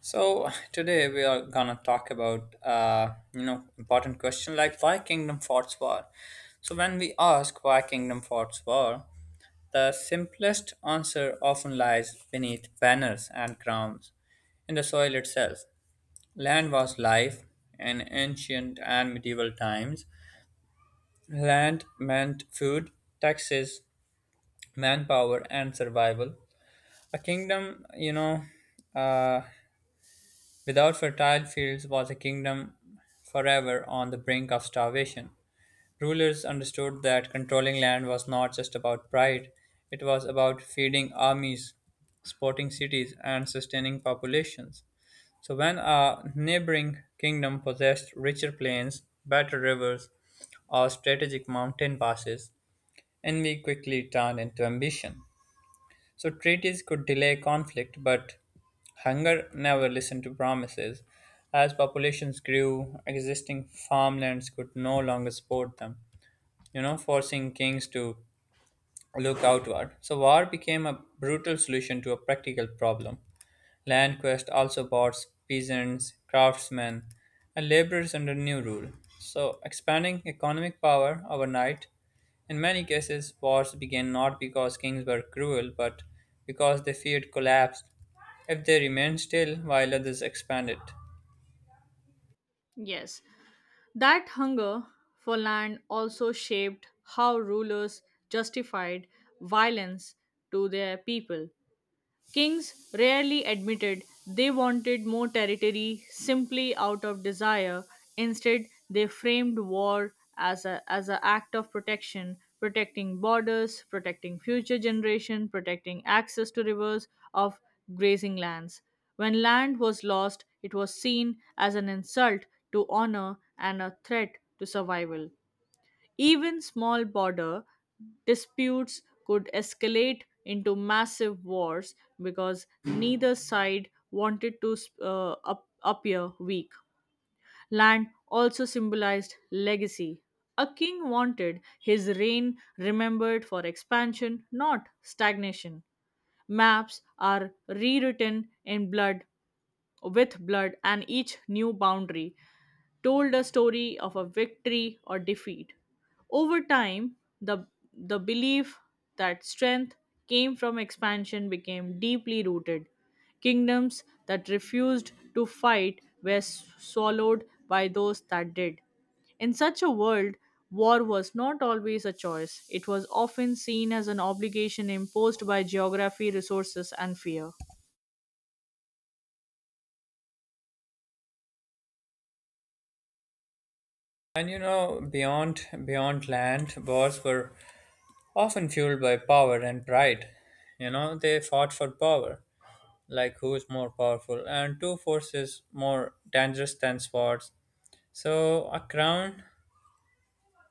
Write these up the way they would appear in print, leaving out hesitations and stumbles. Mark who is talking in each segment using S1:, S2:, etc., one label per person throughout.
S1: So today we are gonna talk about important question like why kingdom forts were. So when we ask why kingdom forts were, the simplest answer often lies beneath banners and crowns, in the soil itself. Land was life in ancient and medieval times. Land meant food, taxes, manpower, and survival. A kingdom, uh, Without fertile fields was a kingdom forever on the brink of starvation. Rulers understood that controlling land was not just about pride, it was about feeding armies, supporting cities, and sustaining populations. So, when a neighboring kingdom possessed richer plains, better rivers, or strategic mountain passes, envy quickly turned into ambition. So treaties could delay conflict, but hunger never listened to promises. As populations grew, existing farmlands could no longer support them, forcing kings to look outward. So war became a brutal solution to a practical problem. LandQuest also bought peasants, craftsmen, and laborers under new rule, so expanding economic power overnight. In many cases, wars began not because kings were cruel, but because they feared collapse if they remained still while others expanded.
S2: Yes, that hunger for land also shaped how rulers justified violence to their people. Kings rarely admitted they wanted more territory simply out of desire. Instead, they framed war as a as an act of protection, protecting borders, protecting future generation, protecting access to rivers of grazing lands. When land was lost, it was seen as an insult to honor and a threat to survival. Even small border disputes could escalate into massive wars because neither side wanted to appear weak. Land also symbolized legacy. A king wanted his reign remembered for expansion, not stagnation. Maps are rewritten in blood, with blood, and each new boundary told a story of a victory or defeat. Over time, the belief that strength came from expansion became deeply rooted. Kingdoms that refused to fight were swallowed by those that did. In such a world, war was not always a choice, it was often seen as an obligation imposed by geography, resources, and fear.
S1: And beyond land, wars were often fueled by power and pride. You know, they fought for power, like who's more powerful, and two forces more dangerous than swords. So, a crown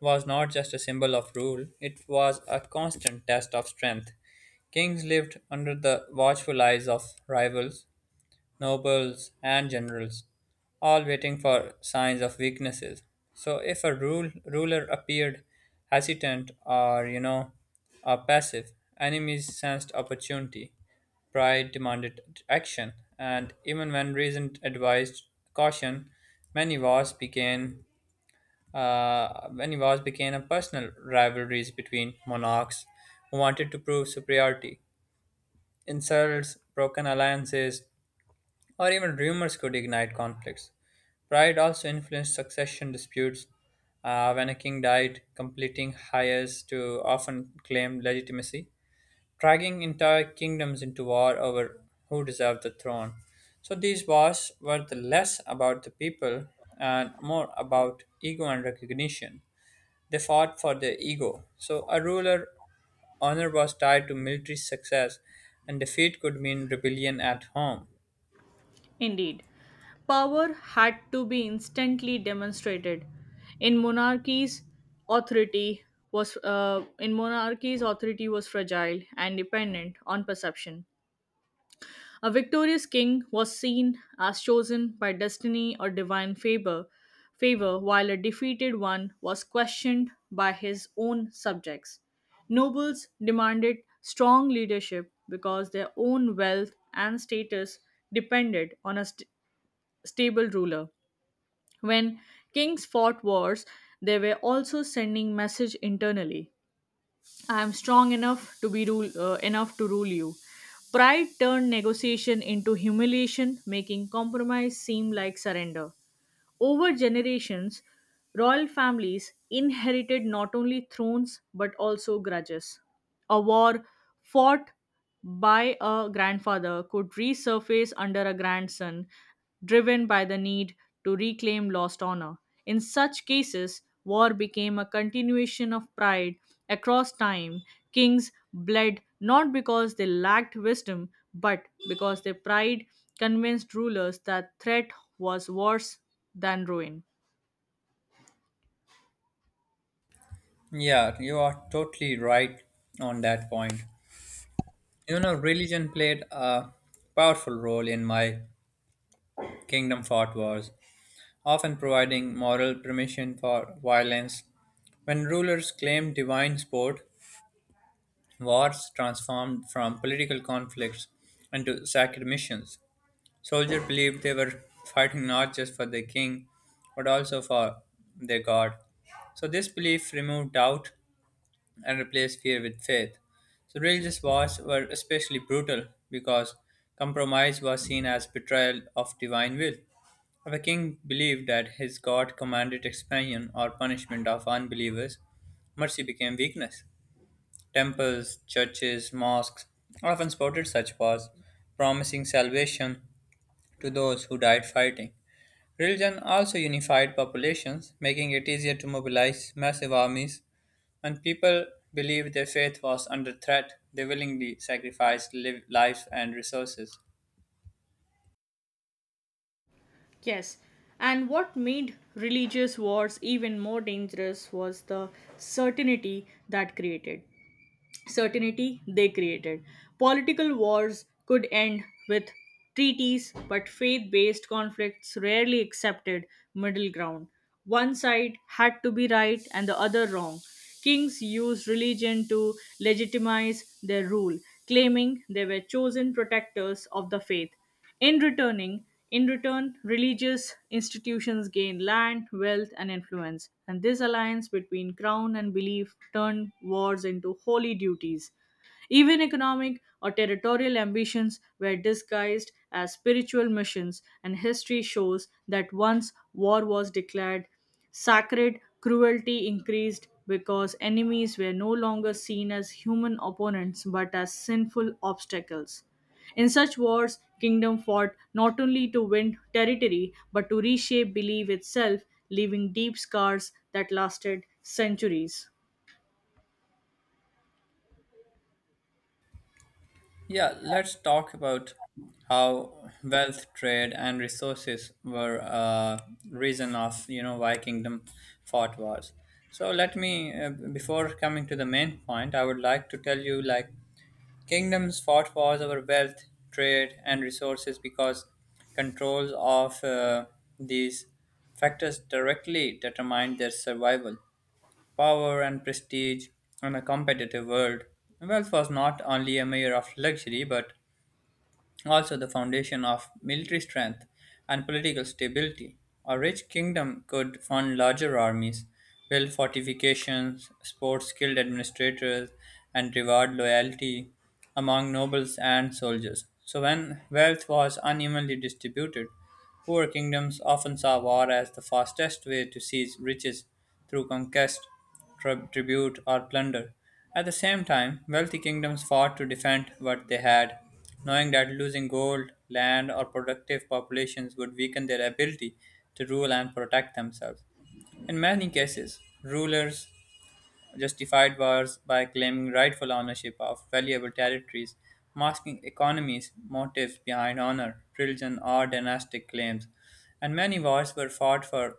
S1: was not just a symbol of rule, it was a constant test of strength. Kings lived under the watchful eyes of rivals, nobles, and generals, all waiting for signs of weaknesses. So, if a ruler appeared hesitant or passive, enemies sensed opportunity. Pride demanded action, and even when reason advised caution, many wars began when wars became a personal rivalries between monarchs who wanted to prove superiority. Insults, broken alliances, or even rumors could ignite conflicts. Pride also influenced succession disputes. When a king died, completing heirs to often claim legitimacy, dragging entire kingdoms into war over who deserved the throne. So these wars were the less about the people and more about ego and recognition. They fought for their ego. So, a ruler honor was tied to military success, and defeat could mean rebellion at home.
S2: Indeed, power had to be instantly demonstrated. In monarchies, authority in monarchies, authority was fragile and dependent on perception. A victorious king was seen as chosen by destiny or divine favor, favor while a defeated one was questioned by his own subjects. Nobles demanded strong leadership because their own wealth and status depended on a stable ruler. When kings fought wars, they were also sending message internally. I am strong enough to be rule enough to rule you. Pride turned negotiation into humiliation, making compromise seem like surrender. Over generations, royal families inherited not only thrones but also grudges. A war fought by a grandfather could resurface under a grandson, driven by the need to reclaim lost honor. In such cases, war became a continuation of pride across time. Kings bled not because they lacked wisdom, but because their pride convinced rulers that threat was worse than ruin.
S1: Yeah, you are totally right on that point. You know, religion played a powerful role in my kingdom fought wars, often providing moral permission for violence. When rulers claimed divine support, wars transformed from political conflicts into sacred missions. Soldiers believed they were fighting not just for their king, but also for their god. So this belief removed doubt and replaced fear with faith. So religious wars were especially brutal because compromise was seen as betrayal of divine will. If a king believed that his god commanded expansion or punishment of unbelievers, mercy became weakness. Temples, churches, mosques often supported such wars, promising salvation to those who died fighting. Religion also unified populations, making it easier to mobilize massive armies. When people believed their faith was under threat, they willingly sacrificed lives and resources.
S2: Yes, and what made religious wars even more dangerous was the certainty that created. Certainty they created. Political wars could end with treaties, but faith based conflicts rarely accepted middle ground. One side had to be right and the other wrong. Kings used religion to legitimize their rule, claiming they were chosen protectors of the faith. In returning, in return, religious institutions gained land, wealth, and influence, and this alliance between crown and belief turned wars into holy duties. Even economic or territorial ambitions were disguised as spiritual missions, and history shows that once war was declared sacred, cruelty increased because enemies were no longer seen as human opponents but as sinful obstacles. In such wars, kingdom fought not only to win territory but to reshape belief itself, leaving deep scars that lasted centuries.
S1: Yeah, let's talk about how wealth, trade, and resources were a reason of you know why kingdom fought wars. So let me, before coming to the main point, I would like to tell you like kingdoms fought wars over wealth, trade, and resources because controls of these factors directly determined their survival power and prestige in a competitive world. Wealth was not only a measure of luxury but also the foundation of military strength and political stability. A rich kingdom could fund larger armies, build fortifications, support skilled administrators, and reward loyalty among nobles and soldiers. So, when wealth was unevenly distributed, poor kingdoms often saw war as the fastest way to seize riches through conquest tribute, or plunder. At the same time, wealthy kingdoms fought to defend what they had, knowing that losing gold, land, or productive populations would weaken their ability to rule and protect themselves. In many cases, rulers justified wars by claiming rightful ownership of valuable territories, masking economies' motives behind honor, religion, or dynastic claims. And many wars were fought for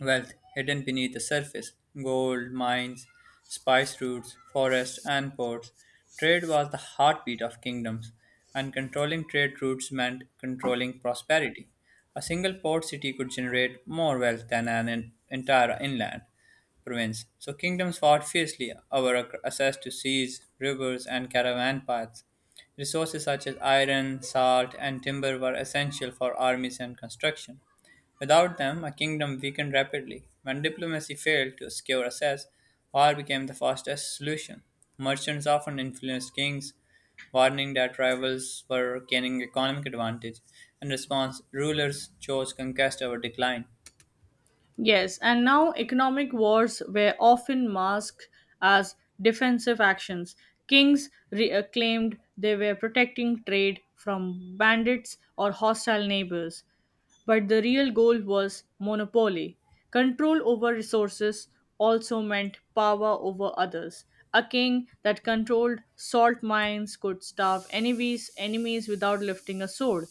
S1: Wealth hidden beneath the surface gold, mines, spice routes, forests, and ports. Trade was the heartbeat of kingdoms, and controlling trade routes meant controlling prosperity. A single port city could generate more wealth than an entire inland province. So kingdoms fought fiercely over access to seas, rivers, and caravan paths. Resources such as iron, salt, and timber were essential for armies and construction. Without them, a kingdom weakened rapidly. When diplomacy failed to secure access, war became the fastest solution. Merchants often influenced kings, warning that rivals were gaining economic advantage. In response, rulers chose conquest over decline.
S2: Yes, and now economic wars were often masked as defensive actions. Kings claimed they were protecting trade from bandits or hostile neighbors, but the real goal was monopoly. Control over resources also meant power over others. A king that controlled salt mines could starve enemies without lifting a sword,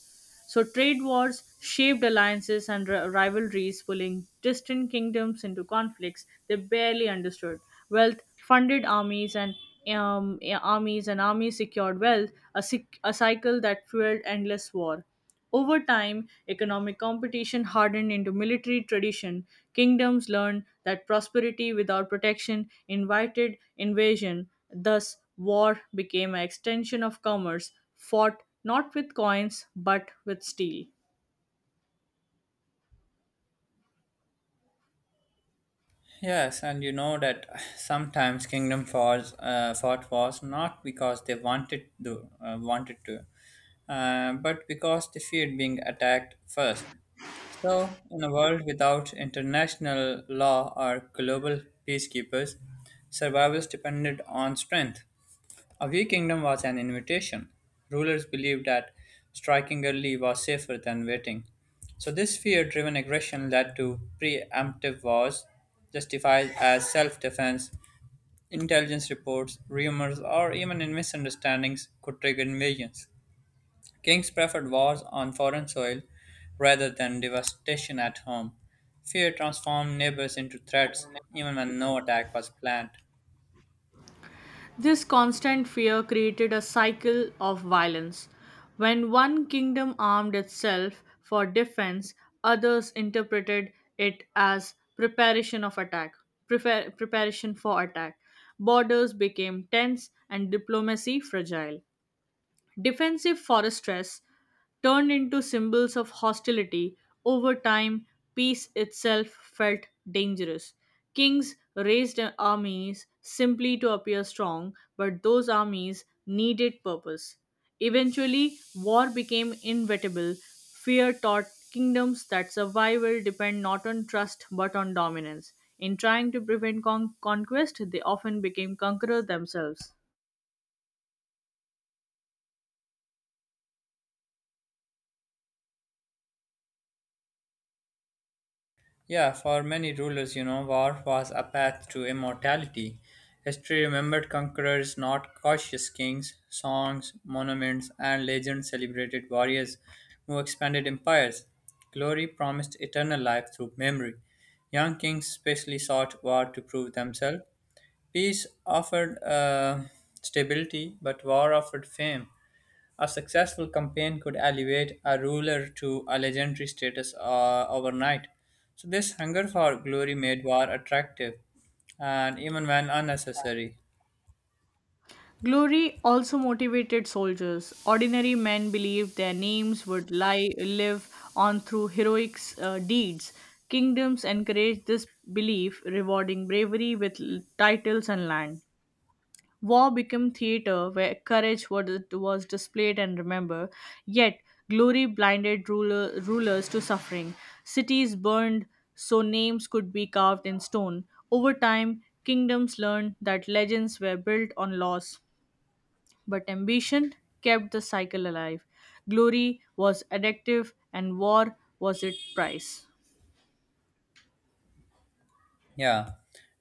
S2: so trade wars shaped alliances and rivalries, pulling distant kingdoms into conflicts they barely understood. Wealth funded armies secured wealth, a cycle that fueled endless war. Over time, economic competition hardened into military tradition. Kingdoms learned that prosperity without protection invited invasion. Thus, war became an extension of commerce, fought not with coins but with steel.
S1: Yes, and you know that sometimes Kingdom Falls fought was not because they wanted to, but because they feared being attacked first. So, in a world without international law or global peacekeepers, survivals depended on strength. A wee kingdom was an invitation. Rulers believed that striking early was safer than waiting. So, this fear driven aggression led to preemptive wars, justified as self defense. Intelligence reports, rumors, or even in misunderstandings could trigger invasions. Kings preferred wars on foreign soil rather than devastation at home. Fear transformed neighbors into threats, even when no attack was planned.
S2: This constant fear created a cycle of violence. When one kingdom armed itself for defense, others interpreted it as preparation for attack. Borders became tense and diplomacy fragile. Defensive foresters turned into symbols of hostility. Over time, peace itself felt dangerous. Kings raised armies simply to appear strong, but those armies needed purpose. Eventually, war became inevitable. Fear taught kingdoms that survival depend not on trust but on dominance. In trying to prevent conquest, they often became conquerors themselves.
S1: Yeah, for many rulers, you know, war was a path to immortality. History remembered conquerors, not cautious kings. Songs, monuments, and legends celebrated warriors who expanded empires. Glory promised eternal life through memory. Young kings specially sought war to prove themselves. Peace offered stability, but war offered fame. A successful campaign could elevate a ruler to a legendary status overnight. So, this hunger for glory made war attractive and even when unnecessary.
S2: Glory also motivated soldiers. Ordinary men believed their names would live on through heroic deeds. Kingdoms encouraged this belief, rewarding bravery with titles and land. War became theater where courage was displayed and remembered. Yet, glory blinded rulers to suffering. Cities burned so names could be carved in stone. Over time, kingdoms learned that legends were built on loss but ambition kept the cycle alive. Glory was addictive, and war was its price.
S1: Yeah,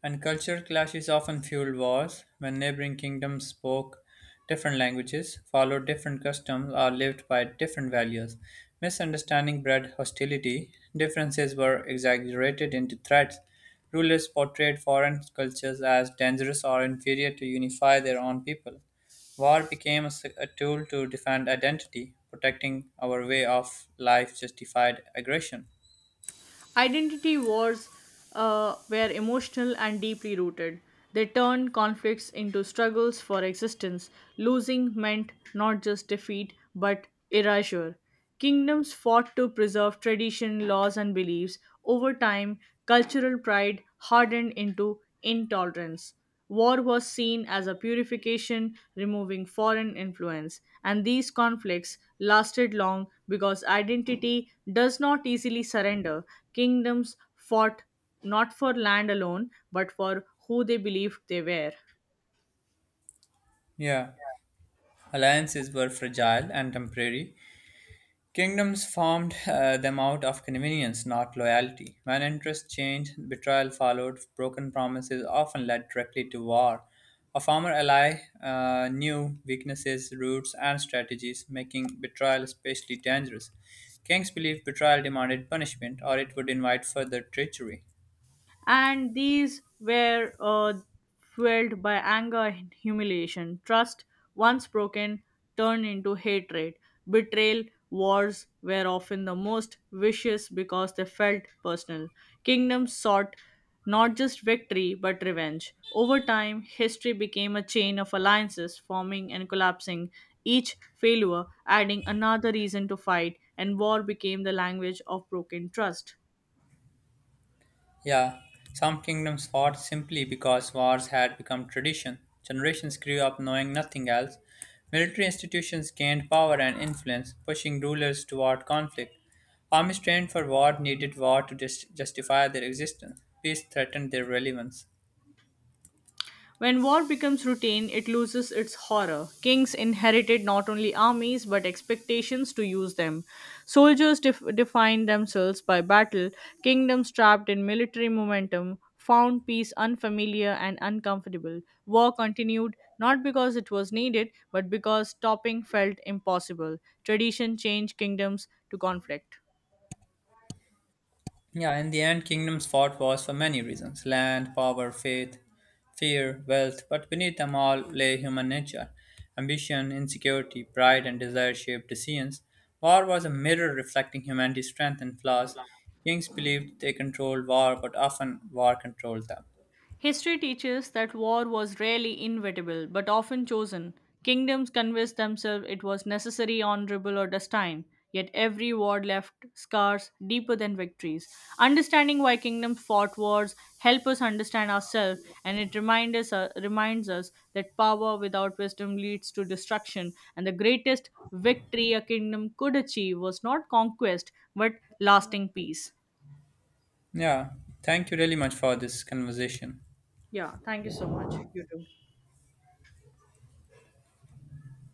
S1: and cultural clashes often fueled wars when neighboring kingdoms spoke different languages, followed different customs, or lived by different values. Misunderstanding bred hostility, differences were exaggerated into threats. Rulers portrayed foreign cultures as dangerous or inferior to unify their own people. War became a tool to defend identity, protecting our way of life justified aggression.
S2: Identity wars were emotional and deeply rooted. They turned conflicts into struggles for existence. Losing meant not just defeat, but erasure. Kingdoms fought to preserve tradition, laws, and beliefs. Over time, cultural pride hardened into intolerance. War was seen as a purification, removing foreign influence, and these conflicts lasted long because identity does not easily surrender. Kingdoms fought not for land alone, but for who they believed they were.
S1: Yeah, alliances were fragile and temporary, Kingdoms formed them out of convenience, not loyalty. When interests changed, betrayal followed. Broken promises often led directly to war. A former ally knew weaknesses, routes, and strategies, making betrayal especially dangerous. Kings believed betrayal demanded punishment, or it would invite further treachery.
S2: And these were fueled by anger and humiliation. Trust, once broken, turned into hatred. Betrayal, wars were often the most vicious because they felt personal. Kingdoms sought not just victory but revenge. Over time, history became a chain of alliances forming and collapsing, each failure adding another reason to fight, and war became the language of broken trust.
S1: Yeah, some kingdoms fought simply because wars had become tradition. Generations grew up knowing nothing else. Military institutions gained power and influence, pushing rulers toward conflict. Armies trained for war needed war to just justify their existence. Peace threatened their relevance.
S2: When war becomes routine, it loses its horror. Kings inherited not only armies but expectations to use them. Soldiers defined themselves by battle. Kingdoms trapped in military momentum found peace unfamiliar and uncomfortable. War continued not because it was needed but because stopping felt impossible. Tradition changed kingdoms to conflict.
S1: Yeah, in the end, kingdoms fought wars for many reasons land, power, faith, fear, wealth, but beneath them all lay human nature. Ambition, insecurity, pride, and desire shaped decisions. War was a mirror reflecting humanity's strength and flaws. Kings believed they controlled war, but often war controlled them.
S2: History teaches that war was rarely inevitable, but often chosen. Kingdoms convinced themselves it was necessary, honorable, or destined. Yet every war left scars deeper than victories. Understanding why kingdoms fought wars help us understand ourselves, and it reminds us that power without wisdom leads to destruction. And the greatest victory a kingdom could achieve was not conquest, but lasting peace.
S1: Yeah, thank you really much for this conversation.
S2: Yeah, thank you so much. You too.